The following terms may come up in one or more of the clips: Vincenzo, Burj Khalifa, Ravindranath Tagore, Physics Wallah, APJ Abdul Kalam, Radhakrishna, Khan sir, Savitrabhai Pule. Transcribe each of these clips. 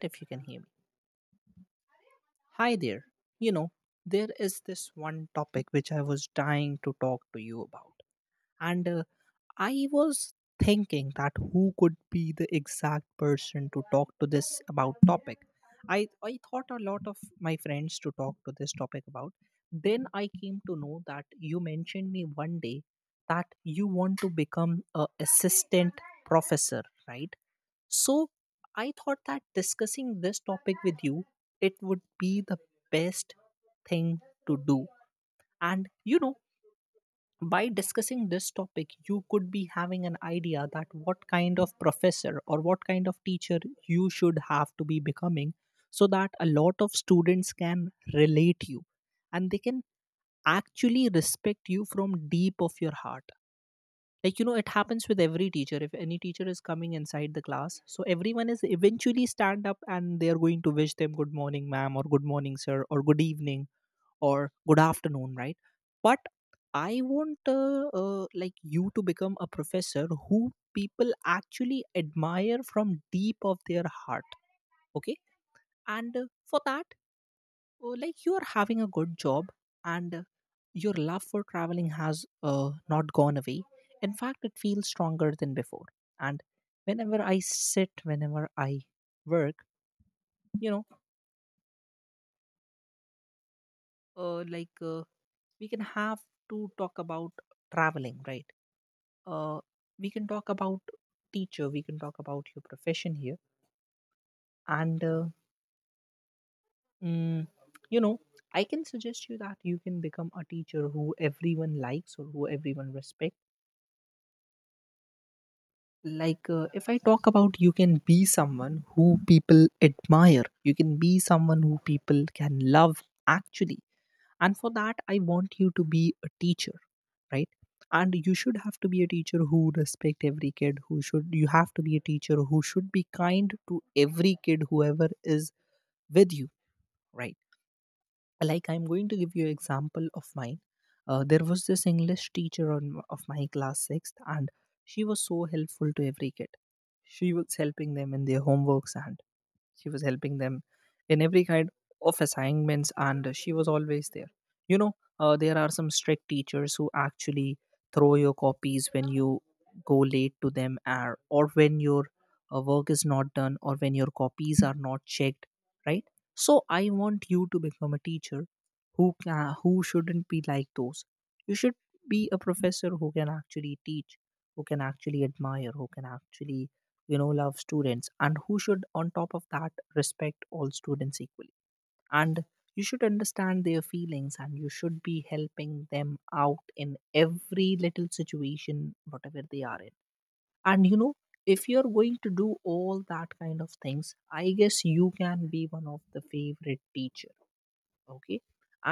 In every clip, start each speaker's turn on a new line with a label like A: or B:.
A: If you can hear me. Hi there. You know, there is this one topic which I was dying to talk to you about. And I was thinking that who could be the exact person to talk to this about topic. I thought a lot of my friends to talk to this topic about. Then I came to know that you mentioned me one day that you want to become a assistant professor, right? So I thought that discussing this topic with you, it would be the best thing to do. And by discussing this topic, you could be having an idea that what kind of professor or what kind of teacher you should have to be becoming, so that a lot of students can relate you and they can actually respect you from deep of your heart. Like it happens with every teacher. If any teacher is coming inside the class, so everyone is eventually stand up and they are going to wish them good morning ma'am or good morning sir or good evening or good afternoon, right? But I want like you to become a professor who people actually admire from deep of their heart. Okay. And for that, like you are having a good job, and your love for traveling has not gone away. In fact, it feels stronger than before. And whenever I work, you know uh, like uh, we can have to talk about traveling, right? uh, we can talk about teacher, we can talk about your profession here. And mm, you know I can suggest you that you can become a teacher who everyone likes or who everyone respects. Like if I talk about, you can be someone who people admire, you can be someone who people can love actually. And for that, I want you to be a teacher, right? And you should have to be a teacher who respect every kid, who should you have to be a teacher who should be kind to every kid whoever is with you, right? Like I'm going to give you an example of mine. There was this english teacher on, of my class 6th, and she was so helpful to every kid. She was helping them in their homeworks, and she was helping them in every kind of assignments, and she was always there. There are some strict teachers who actually throw your copies when you go late to them, or when your work is not done or when your copies are not checked, right? So I want you to become a teacher who shouldn't be like those. You should be a professor who can actually teach, who can actually admire, who can actually love students and who should on top of that respect all students equally. And you should understand their feelings, and you should be helping them out in every little situation whatever they are in. And if you're going to do all that kind of things, I guess you can be one of the favorite teacher. Okay.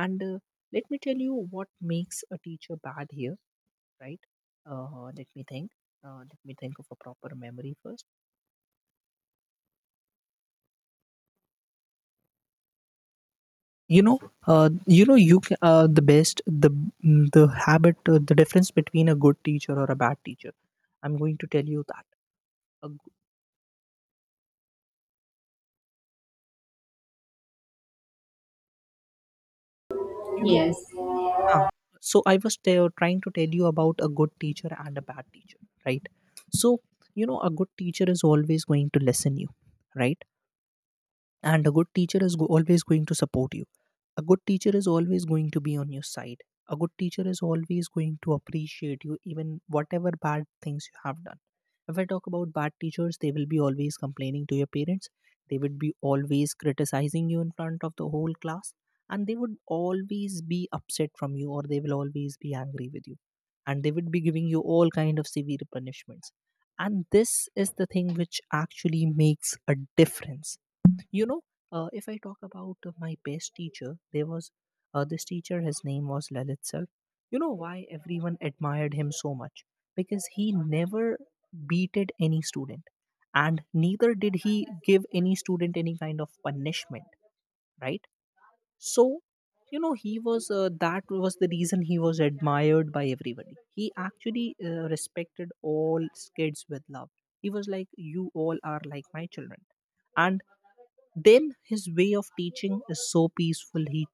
A: And let me tell you what makes a teacher bad here, right? Let me think. Let me think of a proper memory first. you know the best the habit, the difference between a good teacher or a bad teacher, I'm going to tell you that. A, g- you know
B: Yes.
A: uh,
B: I
A: so I was trying to tell you about a good teacher and a bad teacher, right? So a good teacher is always going to listen you, right? And a good teacher is always going to support you. A good teacher is always going to be on your side. A good teacher is always going to appreciate you even whatever bad things you have done. If I talk about bad teachers, they will be always complaining to your parents, they would be always criticizing you in front of the whole class, and they would always be upset from you or they will always be angry with you, and they would be giving you all kind of severe punishments. And this is the thing which actually makes a difference. you know if I talk about my best teacher, there was this teacher, his name was Lalit sir. You know why everyone admired him so much? Because he never beated any student, and neither did he give any student any kind of punishment, right? So he was, that was the reason he was admired by everybody. He actually respected all kids with love. He was like, you all are like my children. And then his way of teaching is so peaceful.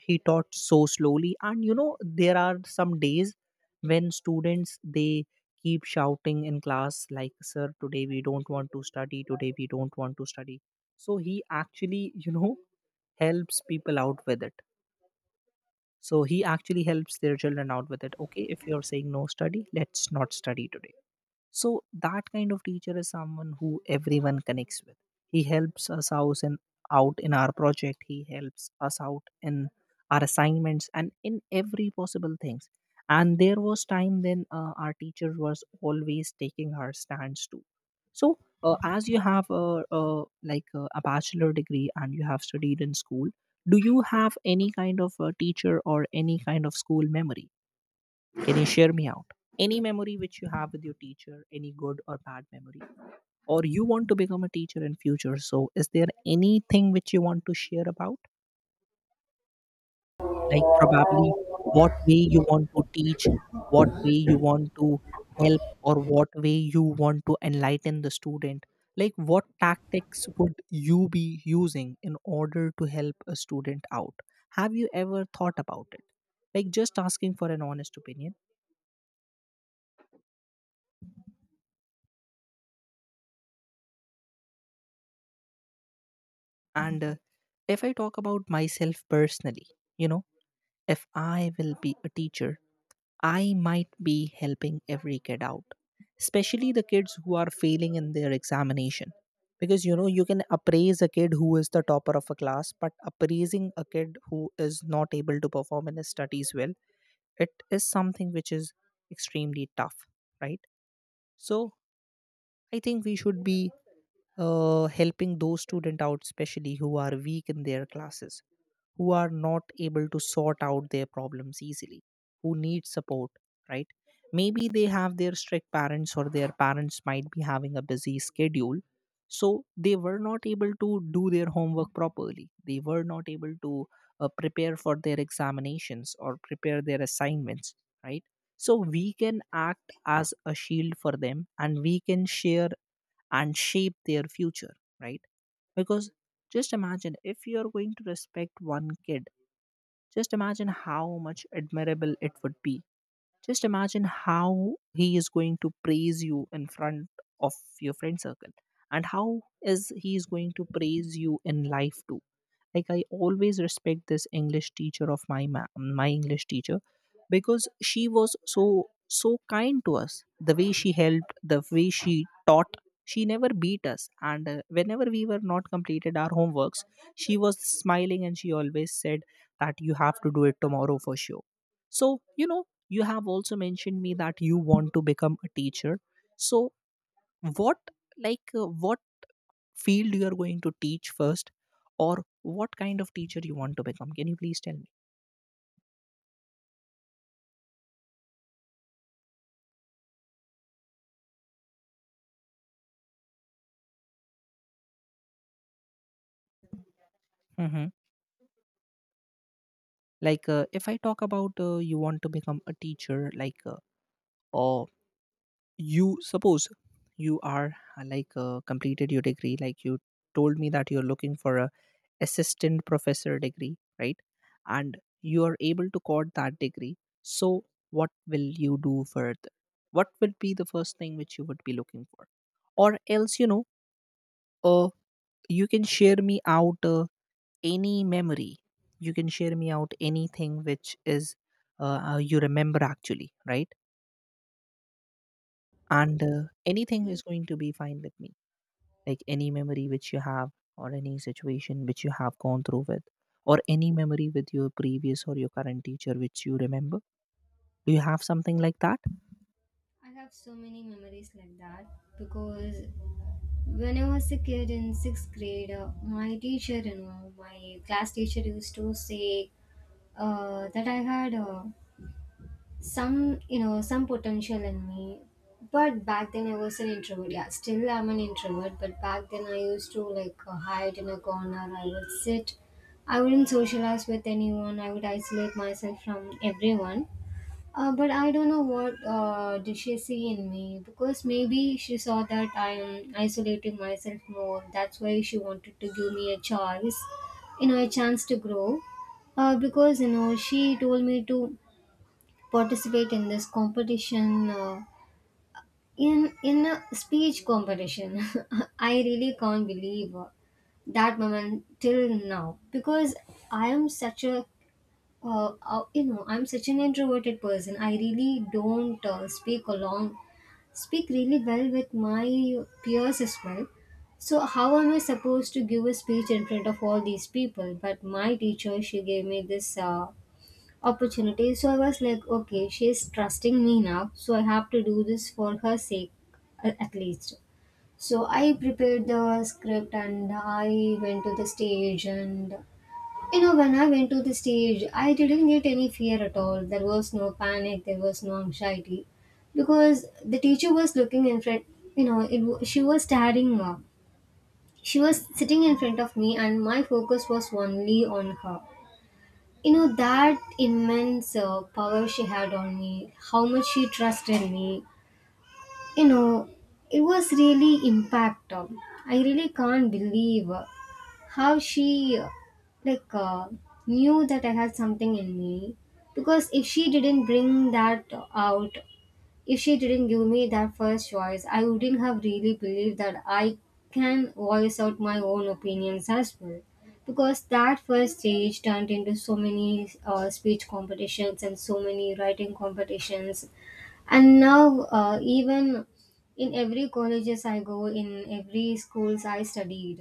A: He taught so slowly, and there are some days when students they keep shouting in class like, "Sir, today we don't want to study. Today we don't want to study." So he actually, helps people out with it. So he actually helps their children out with it. Okay, if you're saying no study, let's not study today. So that kind of teacher is someone who everyone connects with. He helps us out in, our project. He helps us out in our assignments and in every possible things. And there was time when our teacher was always taking her stands too. So as you have a like a bachelor degree and you have studied in school, do you have any kind of a teacher or any kind of school memory? Can you share me out? Any memory which you have with your teacher, any good or bad memory, or you want to become a teacher in future. So, is there anything which you want to share about? Like probably what way you want to teach, what way you want to help, or what way you want to enlighten the student. Like what tactics would you be using in order to help a student out? Have you ever thought about it? Like just asking for an honest opinion. And if I talk about myself personally, you know, if I will be a teacher, I might be helping every kid out, especially the kids who are failing in their examination. Because you can appraise a kid who is the topper of a class, but appraising a kid who is not able to perform in his studies well, it is something which is extremely tough, right? So I think we should be helping those students out, especially who are weak in their classes, who are not able to sort out their problems easily, who need support, right? Maybe they have their strict parents, or their parents might be having a busy schedule. So they were not able to do their homework properly. They were not able to prepare for their examinations or prepare their assignments, right? So we can act as a shield for them and we can share and shape their future, right? Because just imagine if you're going to respect one kid, just imagine how much admirable it would be. Just imagine how he is going to praise you in front of your friend circle and how is he is going to praise you in life too. Like I always respect this english teacher of my english teacher, because she was so so kind to us. The way she helped, the way she taught, she never beat us. And whenever we were not completed our homeworks, she was smiling and she always said that you have to do it tomorrow for sure. So you know you have also mentioned me that you want to become a teacher. So what, like what field you are going to teach first, or what kind of teacher you want to become, can you please tell me? Hmm. Like if I talk about, you want to become a teacher, like or you suppose you are like completed your degree, like you told me that you're looking for a assistant professor degree, right? And you are able to code that degree. So what will you do further? What will be the first thing which you would be looking for? Or else, uh, you can share me out any memory. You can share me out anything which is you remember actually, right? And anything is going to be fine with me. Like any memory which you have, or any situation which you have gone through with, or any memory with your previous or your current teacher which you remember. Do you have something like that?
B: have so many memories like that because when I was a kid in sixth grade, my teacher, you know, my class teacher used to say that I had some, you know, some potential in me. But back then I was an introvert. Yeah, still I'm an introvert. But back then I used to like hide in a corner. I would sit. I wouldn't socialize with anyone. I would isolate myself from everyone. But I don't know what did she see in me, because maybe she saw that I am isolating myself more. That's why she wanted to give me a chance, you know, a chance to grow. Because you know she told me to participate in this competition, in a speech competition. I really can't believe that moment till now because I am such a you know, I'm such an introverted person. I really don't speak really well with my peers as well. So how am I supposed to give a speech in front of all these people? But my teacher, she gave me this opportunity. So I was like, okay, she's trusting me now, so I have to do this for her sake, at least. So I prepared the script and I went to the stage, and you know, when I went to the stage, I didn't get any fear at all. There was no panic, there was no anxiety. Because the teacher was looking in front, you know, it, she was staring up. She was sitting in front of me, and my focus was only on her. You know, that immense power she had on me, how much she trusted me, you know, it was really impactful. I really can't believe how she like uh, knew that I had something in me, because if she didn't bring that out, if she didn't give me that first choice, I wouldn't have really believed that I can voice out my own opinions as well. Because that first stage turned into so many speech competitions and so many writing competitions. And now even in every colleges I go in, every schools I studied,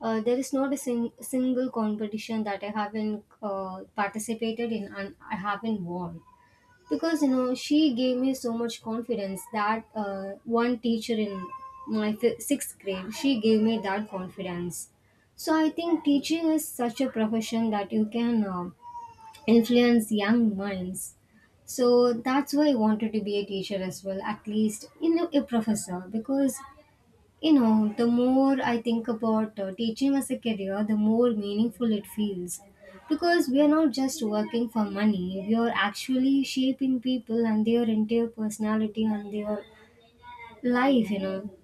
B: there is not a single competition that I haven't participated in and I haven't won. Because you know she gave me so much confidence, that one teacher in my fi sixth grade, she gave me that confidence. So I think teaching is such a profession that you can influence young minds. So that's why I wanted to be a teacher as well, at least you know a professor, because you know the more I think about teaching as a career, the more meaningful it feels. Because we are not just working for money, we are actually shaping people and their entire personality and their life, you know.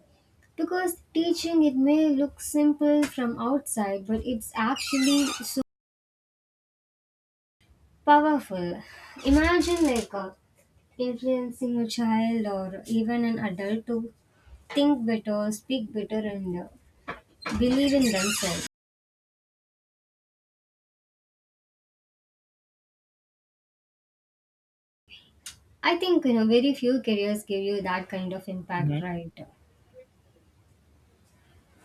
B: Because teaching, it may look simple from outside, but it's actually so powerful. Imagine like influencing a child or even an adult to think better, speak better, and believe in themselves. I think you know very few careers give you that kind of impact,
A: Mhm.
B: right?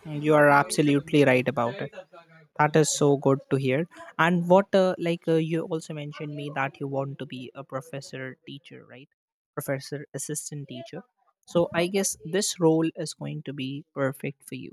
A: You are absolutely right about it. That is so good to hear. And what, you also mentioned me that you want to be a professor teacher, right? Professor assistant teacher. So I guess this role is going to be perfect for you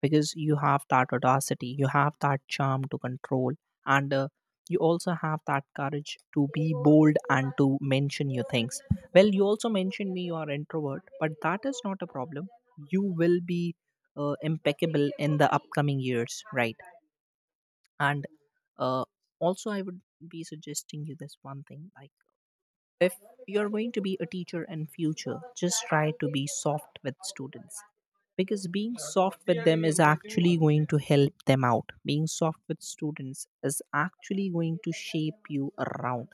A: because you have that audacity, you have that charm to control, and you also have that courage to be bold and to mention your things. Well, you also mentioned me you are introvert, but that is not a problem. You will be impeccable in the upcoming years, right? and uh, Also, I would be suggesting you this one thing, like if you're going to be a teacher in future, just try to be soft with students, because being soft with them is actually going to help them out. Being soft with students is actually going to shape you around,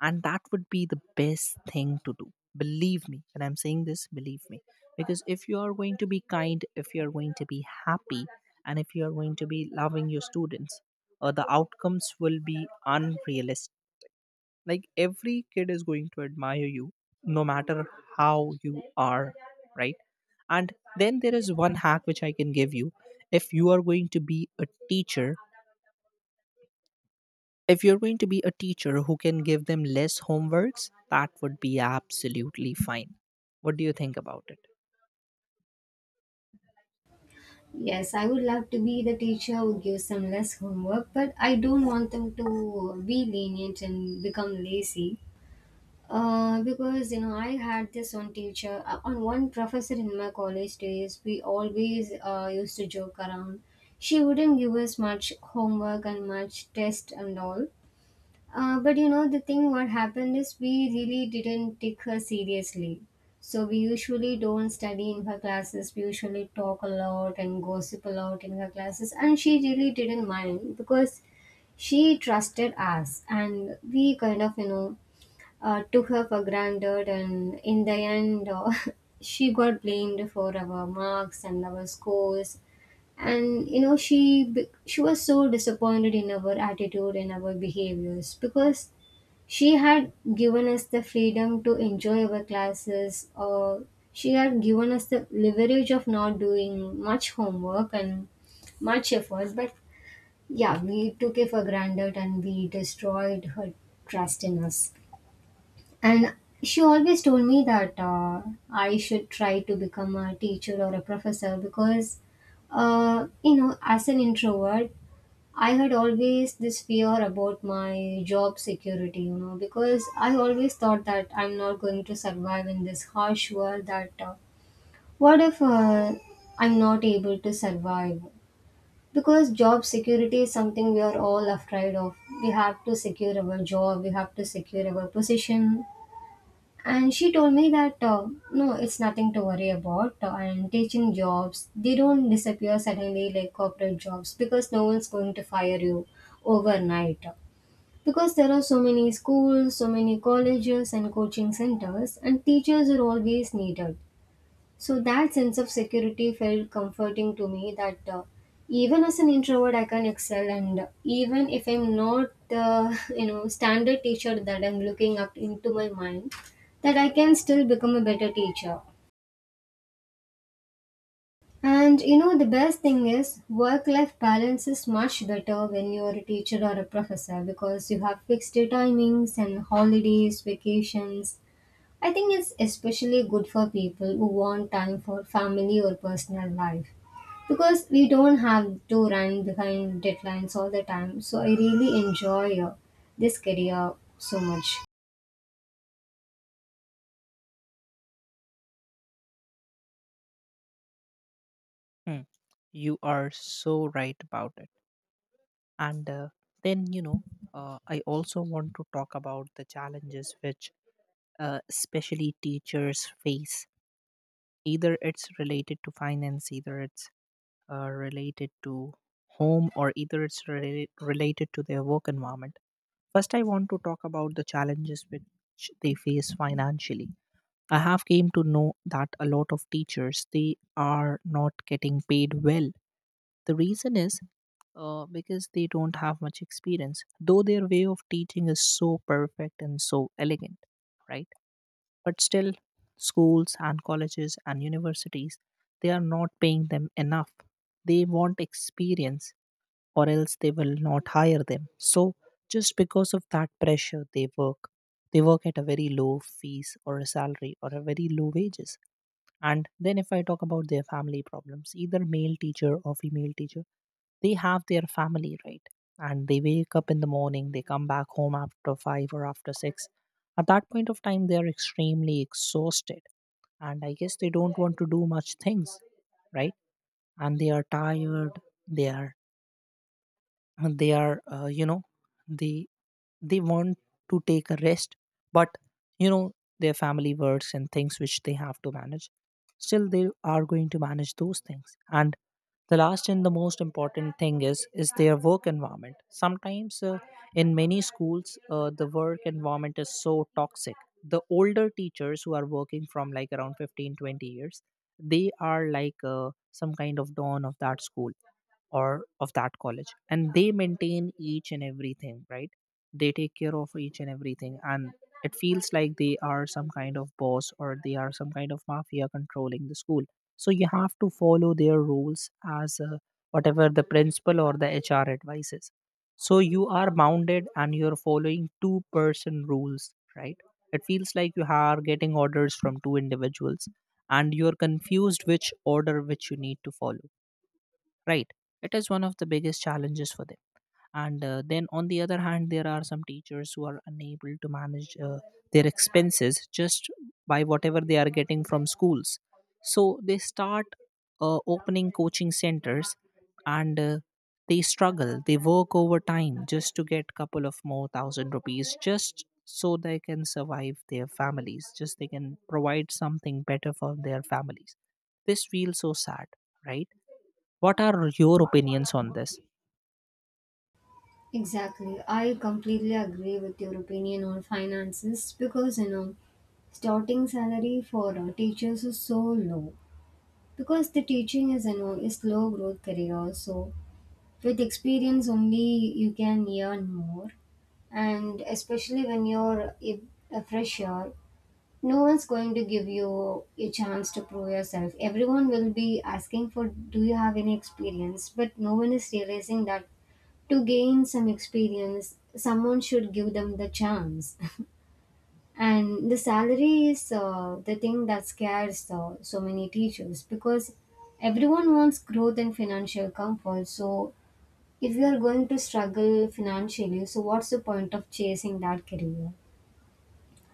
A: and that would be the best thing to do, believe me. And I'm saying this, believe me, because if you are going to be kind, if you are going to be happy, and if you are going to be loving your students, the outcomes will be unrealistic. Like, every kid is going to admire you, no matter how you are, right? And then there is one hack which I can give you. If you are going to be a teacher, if you're going to be a teacher who can give them less homeworks, that would be absolutely fine. What do you think about it?
B: Yes, I would love to be the teacher who gives them less homework, but I don't want them to be lenient and become lazy. Because you know, I had this one teacher, on one professor in my college days. We always used to joke around. She wouldn't give us much homework and much test and all. But you know, the thing what happened is we really didn't take her seriously. So we usually don't study in her classes. We usually talk a lot and gossip a lot in her classes, and she really didn't mind because she trusted us, and we kind of, you know, took her for granted, and in the end, she got blamed for our marks and our scores. And you know, she was so disappointed in our attitude and our behaviors, because she had given us the freedom to enjoy our classes, or she had given us the leverage of not doing much homework and much effort. But yeah, we took it for granted and we destroyed her trust in us. And she always told me that I should try to become a teacher or a professor because, you know, as an introvert, I had always this fear about my job security, you know, because I always thought that I'm not going to survive in this harsh world. That what if I'm not able to survive? Because job security is something we are all afraid of. We have to secure our job, we have to secure our position, and she told me that no, it's nothing to worry about. And teaching jobs, they don't disappear suddenly like corporate jobs because no one's going to fire you overnight. Because there are so many schools, so many colleges, and coaching centers, and teachers are always needed. So that sense of security felt comforting to me, that even as an introvert, I can excel, and even if I'm not the you know standard teacher that I'm looking up into my mind, that I can still become a better teacher. And you know the best thing is work-life balance is much better when you're a teacher or a professor, because you have fixed timings and holidays, vacations. I think it's especially good for people who want time for family or personal life, because we don't have to run behind deadlines all the time. So I really enjoy this career so much.
A: Hmm. You are so right about it. And then, you know, I also want to talk about the challenges which especially teachers face. Either it's related to finance, either it's related to home, or either it's related to their work environment. First, I want to talk about the challenges which they face financially. I have came to know that a lot of teachers, they are not getting paid well. The reason is because they don't have much experience, though their way of teaching is so perfect and so elegant, right? But still, schools and colleges and universities, they are not paying them enough. They want experience, or else they will not hire them. So just because of that pressure, they work. They work at a very low fees, or a salary, or a very low wages. And then if I talk about their family problems, either male teacher or female teacher, they have their family, right? And they wake up in the morning, they come back home after five or after six. At that point of time, they are extremely exhausted. And I guess they don't want to do much things, right? And they are tired, they are and they are you know they they want to take a rest. But, you know, their family works and things which they have to manage, still they are going to manage those things. And the last and the most important thing is their work environment. Sometimes in many schools, the work environment is so toxic. The older teachers who are working from like around 15-20 years, they are like some kind of dawn of that school or of that college, and they maintain each and everything, right? They take care of each and everything, and it feels like they are some kind of boss, or they are some kind of mafia controlling the school. So you have to follow their rules as whatever the principal or the HR advises. So you are bounded and you're following two-person rules, right? It feels like you are getting orders from two individuals, and you're confused which order which you need to follow, right? It is one of the biggest challenges for them. And then on the other hand, there are some teachers who are unable to manage their expenses just by whatever they are getting from schools. So they start opening coaching centers, and they struggle, they work overtime just to get couple of more thousand rupees, just so they can survive their families, just they can provide something better for their families. This feels so sad, right? What are your opinions on this?
B: Exactly. I completely agree with your opinion on finances, because you know starting salary for teachers is so low, because the teaching is, you know, is low growth career. So with experience only you can earn more, and especially when you're a fresher, no one's going to give you a chance to prove yourself. Everyone will be asking for, do you have any experience? But no one is realizing that to gain some experience, someone should give them the chance. And the salary is the thing that scares so many teachers, because everyone wants growth and financial comfort. So if you are going to struggle financially, so what's the point of chasing that career?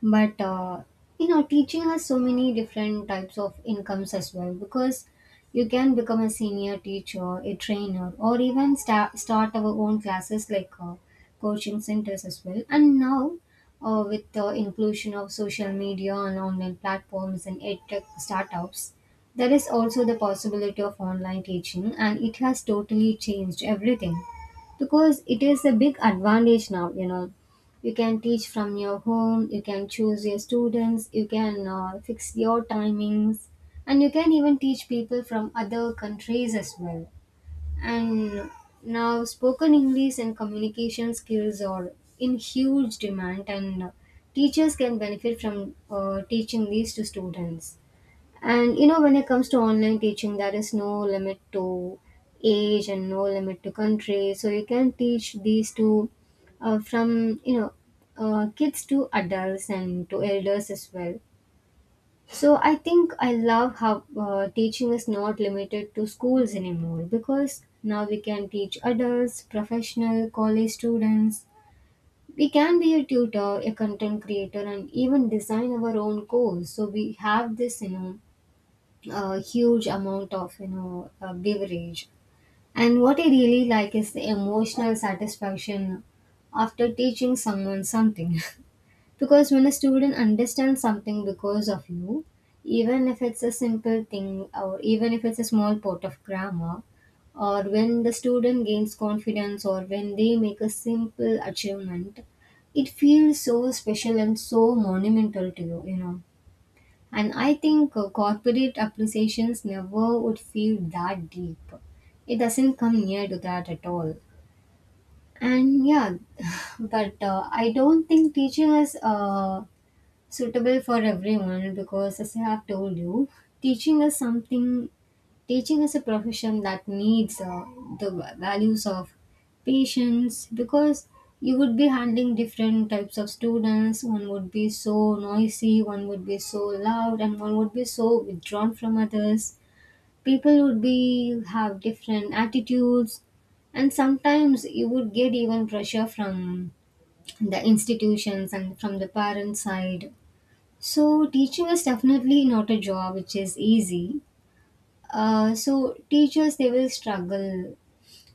B: But you know teaching has so many different types of incomes as well, because you can become a senior teacher, a trainer, or even start our own classes, like coaching centers as well. And now with the inclusion of social media and online platforms and edtech startups, there is also the possibility of online teaching, and it has totally changed everything. Because it is a big advantage now, you know, you can teach from your home, you can choose your students, you can fix your timings, and you can even teach people from other countries as well. And now spoken English and communication skills are in huge demand, and teachers can benefit from teaching these to students. And you know, when it comes to online teaching, there is no limit to age and no limit to country. So you can teach these to from you know kids to adults and to elders as well. So I think I love how teaching is not limited to schools anymore, because now we can teach adults, professional, college students. We can be a tutor, a content creator, and even design our own course. So we have this, you know, a huge amount of you know beverage. And what I really like is the emotional satisfaction after teaching someone something, because when a student understands something because of you, even if it's a simple thing or even if it's a small part of grammar, or when the student gains confidence, or when they make a simple achievement, it feels so special and so monumental to you, you know. And I think corporate appreciations never would feel that deep. It doesn't come near to that at all. And yeah, but I don't think teaching is suitable for everyone, because as I have told you, teaching is something teaching is a profession that needs the values of patience, because you would be handling different types of students. One would be so noisy, one would be so loud, and one would be so withdrawn from others. People would be have different attitudes, and sometimes you would get even pressure from the institutions and from the parent side. So teaching is definitely not a job which is easy. So teachers, they will struggle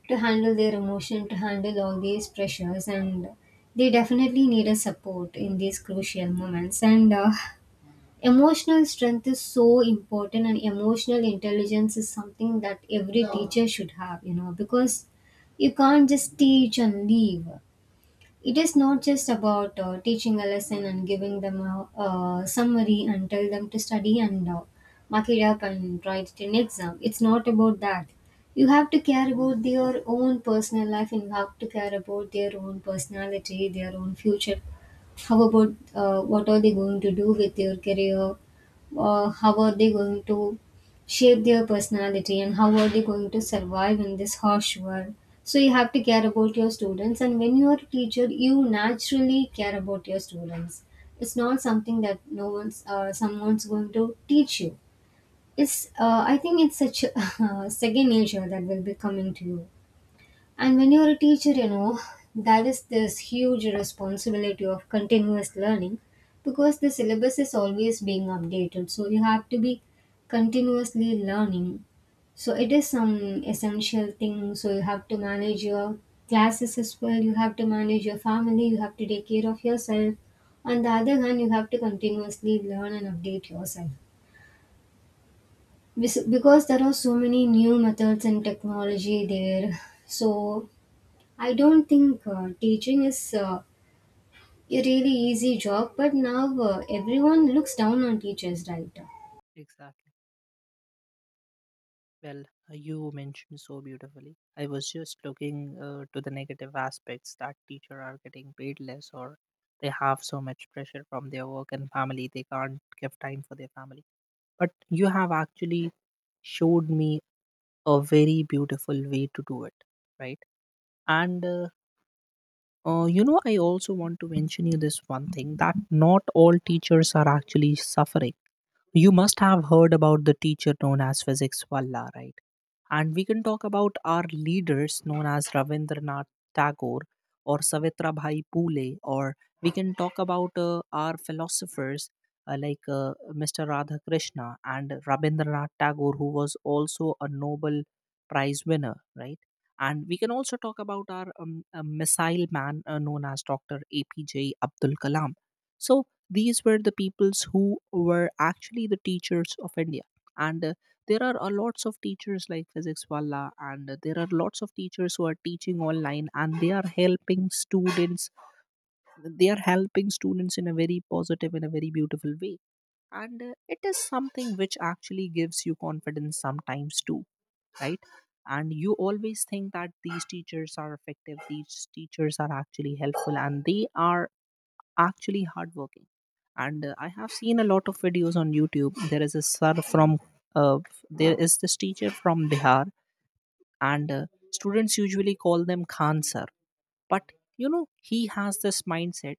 B: to handle their emotion, to handle all these pressures, and they definitely need a support in these crucial moments. And emotional strength is so important, and emotional intelligence is something that every teacher should have. You know, because you can't just teach and leave. It is not just about teaching a lesson and giving them a summary and tell them to study and mark it up and write it in exam. It's not about that. You have to care about their own personal life, and you have to care about their own personality, their own future. How about what are they going to do with their career? How are they going to shape their personality, and how are they going to survive in this harsh world? So you have to care about your students, and when you are a teacher, you naturally care about your students. It's not something that no one's, someone's going to teach you. It's, I think it's such a second nature that will be coming to you. And when you're a teacher, you know, that is this huge responsibility of continuous learning, because the syllabus is always being updated. So you have to be continuously learning. So it is some essential thing. So you have to manage your classes as well, you have to manage your family, you have to take care of yourself. On the other hand, you have to continuously learn and update yourself. Because there are so many new methods and technology there. So I don't think teaching is a really easy job, but now everyone looks down on teachers, right?
A: Exactly. Well, you mentioned so beautifully. I was just looking to the negative aspects that teacher are getting paid less, or they have so much pressure from their work and family, they can't give time for their family. But you have actually showed me a very beautiful way to do it, right? And you know, I also want to mention you this one thing, that not all teachers are actually suffering. You must have heard about the teacher known as Physics Wallah, right? And we can talk about our leaders known as Ravindranath Tagore, or Savitrabhai Pule, or we can talk about our philosophers Mr. Radhakrishna and Rabindranath Tagore, who was also a Nobel Prize winner, right? And we can also talk about our missile man known as Dr. APJ Abdul Kalam. So these were the peoples who were actually the teachers of India, and there are a lots of teachers like Physics Wala, and there are lots of teachers who are teaching online and they are helping students. They are helping students in a very positive and a very beautiful way, and it is something which actually gives you confidence sometimes too, right? And you always think that these teachers are effective, these teachers are actually helpful, and they are actually hardworking. And I have seen a lot of videos on YouTube. There is a sir from, uh, there is this teacher from Bihar, and students usually call them Khan sir. But you know, he has this mindset.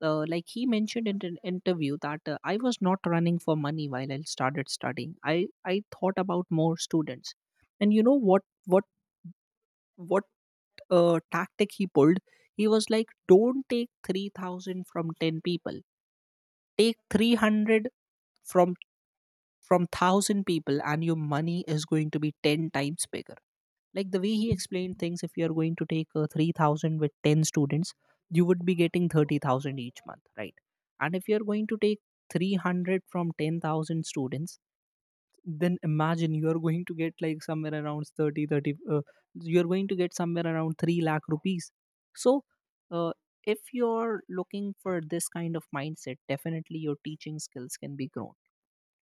A: Like he mentioned in an interview that I was not running for money while I started studying. I thought about more students. And you know what tactic he pulled. He was like, don't take 3000 from 10 people, take 300 from from 1000 people, and your money is going to be 10 times bigger. Like the way he explained things, if you are going to take 3000 with 10 students, you would be getting 30,000 each month, right? And if you are going to take 300 from 10,000 students, then imagine, you are going to get like somewhere around 30 30. You are going to get somewhere around 3 lakh rupees. So uh, if you're looking for this kind of mindset, definitely your teaching skills can be grown.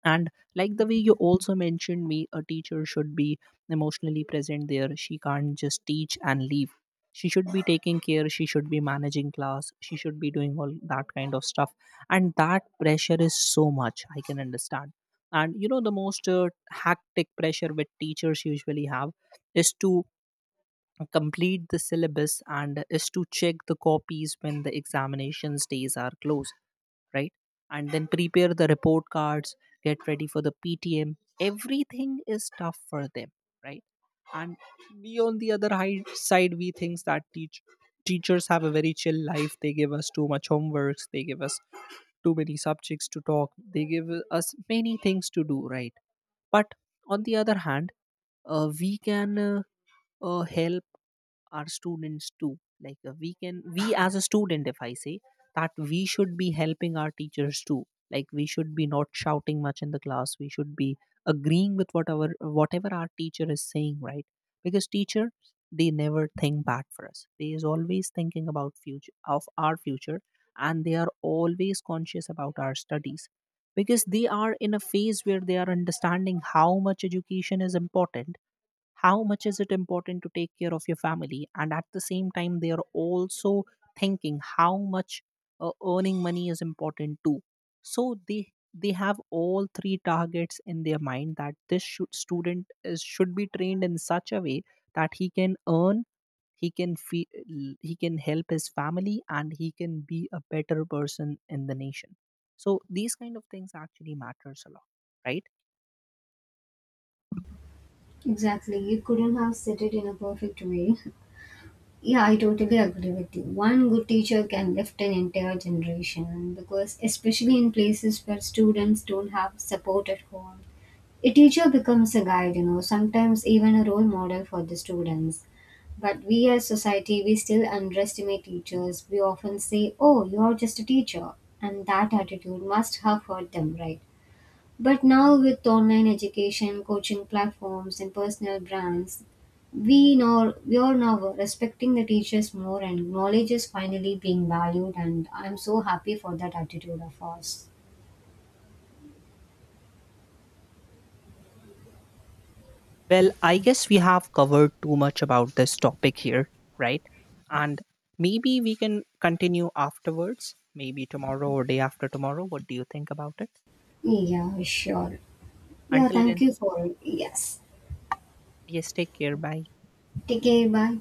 A: And like the way you also mentioned me, a teacher should be emotionally present there, she can't just teach and leave. She should be taking care, she should be managing class, she should be doing all that kind of stuff. And that pressure is so much, I can understand. And you know, the most hectic pressure which teachers usually have is to complete the syllabus, and is to check the copies when the examinations days are closed, right? And then prepare the report cards, get ready for the PTM. Everything is tough for them, right? And we on the other side, we think that teachers have a very chill life. They give us too much homeworks. They give us too many subjects to talk. They give us many things to do, right? But on the other hand, we can help our students too. Like, we as a student, if I say that we should be helping our teachers too. Like, we should be not shouting much in the class, we should be agreeing with whatever our teacher is saying, right? Because teacher, they never think bad for us, they is always thinking about future of our future. And they are always conscious about our studies, because they are in a phase where they are understanding how much education is important, how much is it important to take care of your family. And at the same time they are also thinking how much earning money is important too. So they have all three targets in their mind, that this should, student is, should be trained in such a way that he can earn, he can fe- he can help his family, and he can be a better person in the nation. So these kind of things actually matters a lot, right?
B: Exactly. You couldn't have said it in a perfect way. Yeah, I totally agree with you. One good teacher can lift an entire generation, because especially in places where students don't have support at home, a teacher becomes a guide, you know, sometimes even a role model for the students. But we as society, we still underestimate teachers. We often say, oh, you're just a teacher. And that attitude must have hurt them, right? But now with online education, coaching platforms and personal brands, we know we are now respecting the teachers more, and knowledge is finally being valued, and I'm so happy for that attitude of ours.
A: Well, I guess we have covered too much about this topic here, right? And maybe we can continue afterwards, maybe tomorrow or day after tomorrow. What do you think about it?
B: Yeah, sure. Yeah,
A: Until
B: thank
A: then,
B: you for yes.
A: yes, take care. Bye.
B: Take care, bye.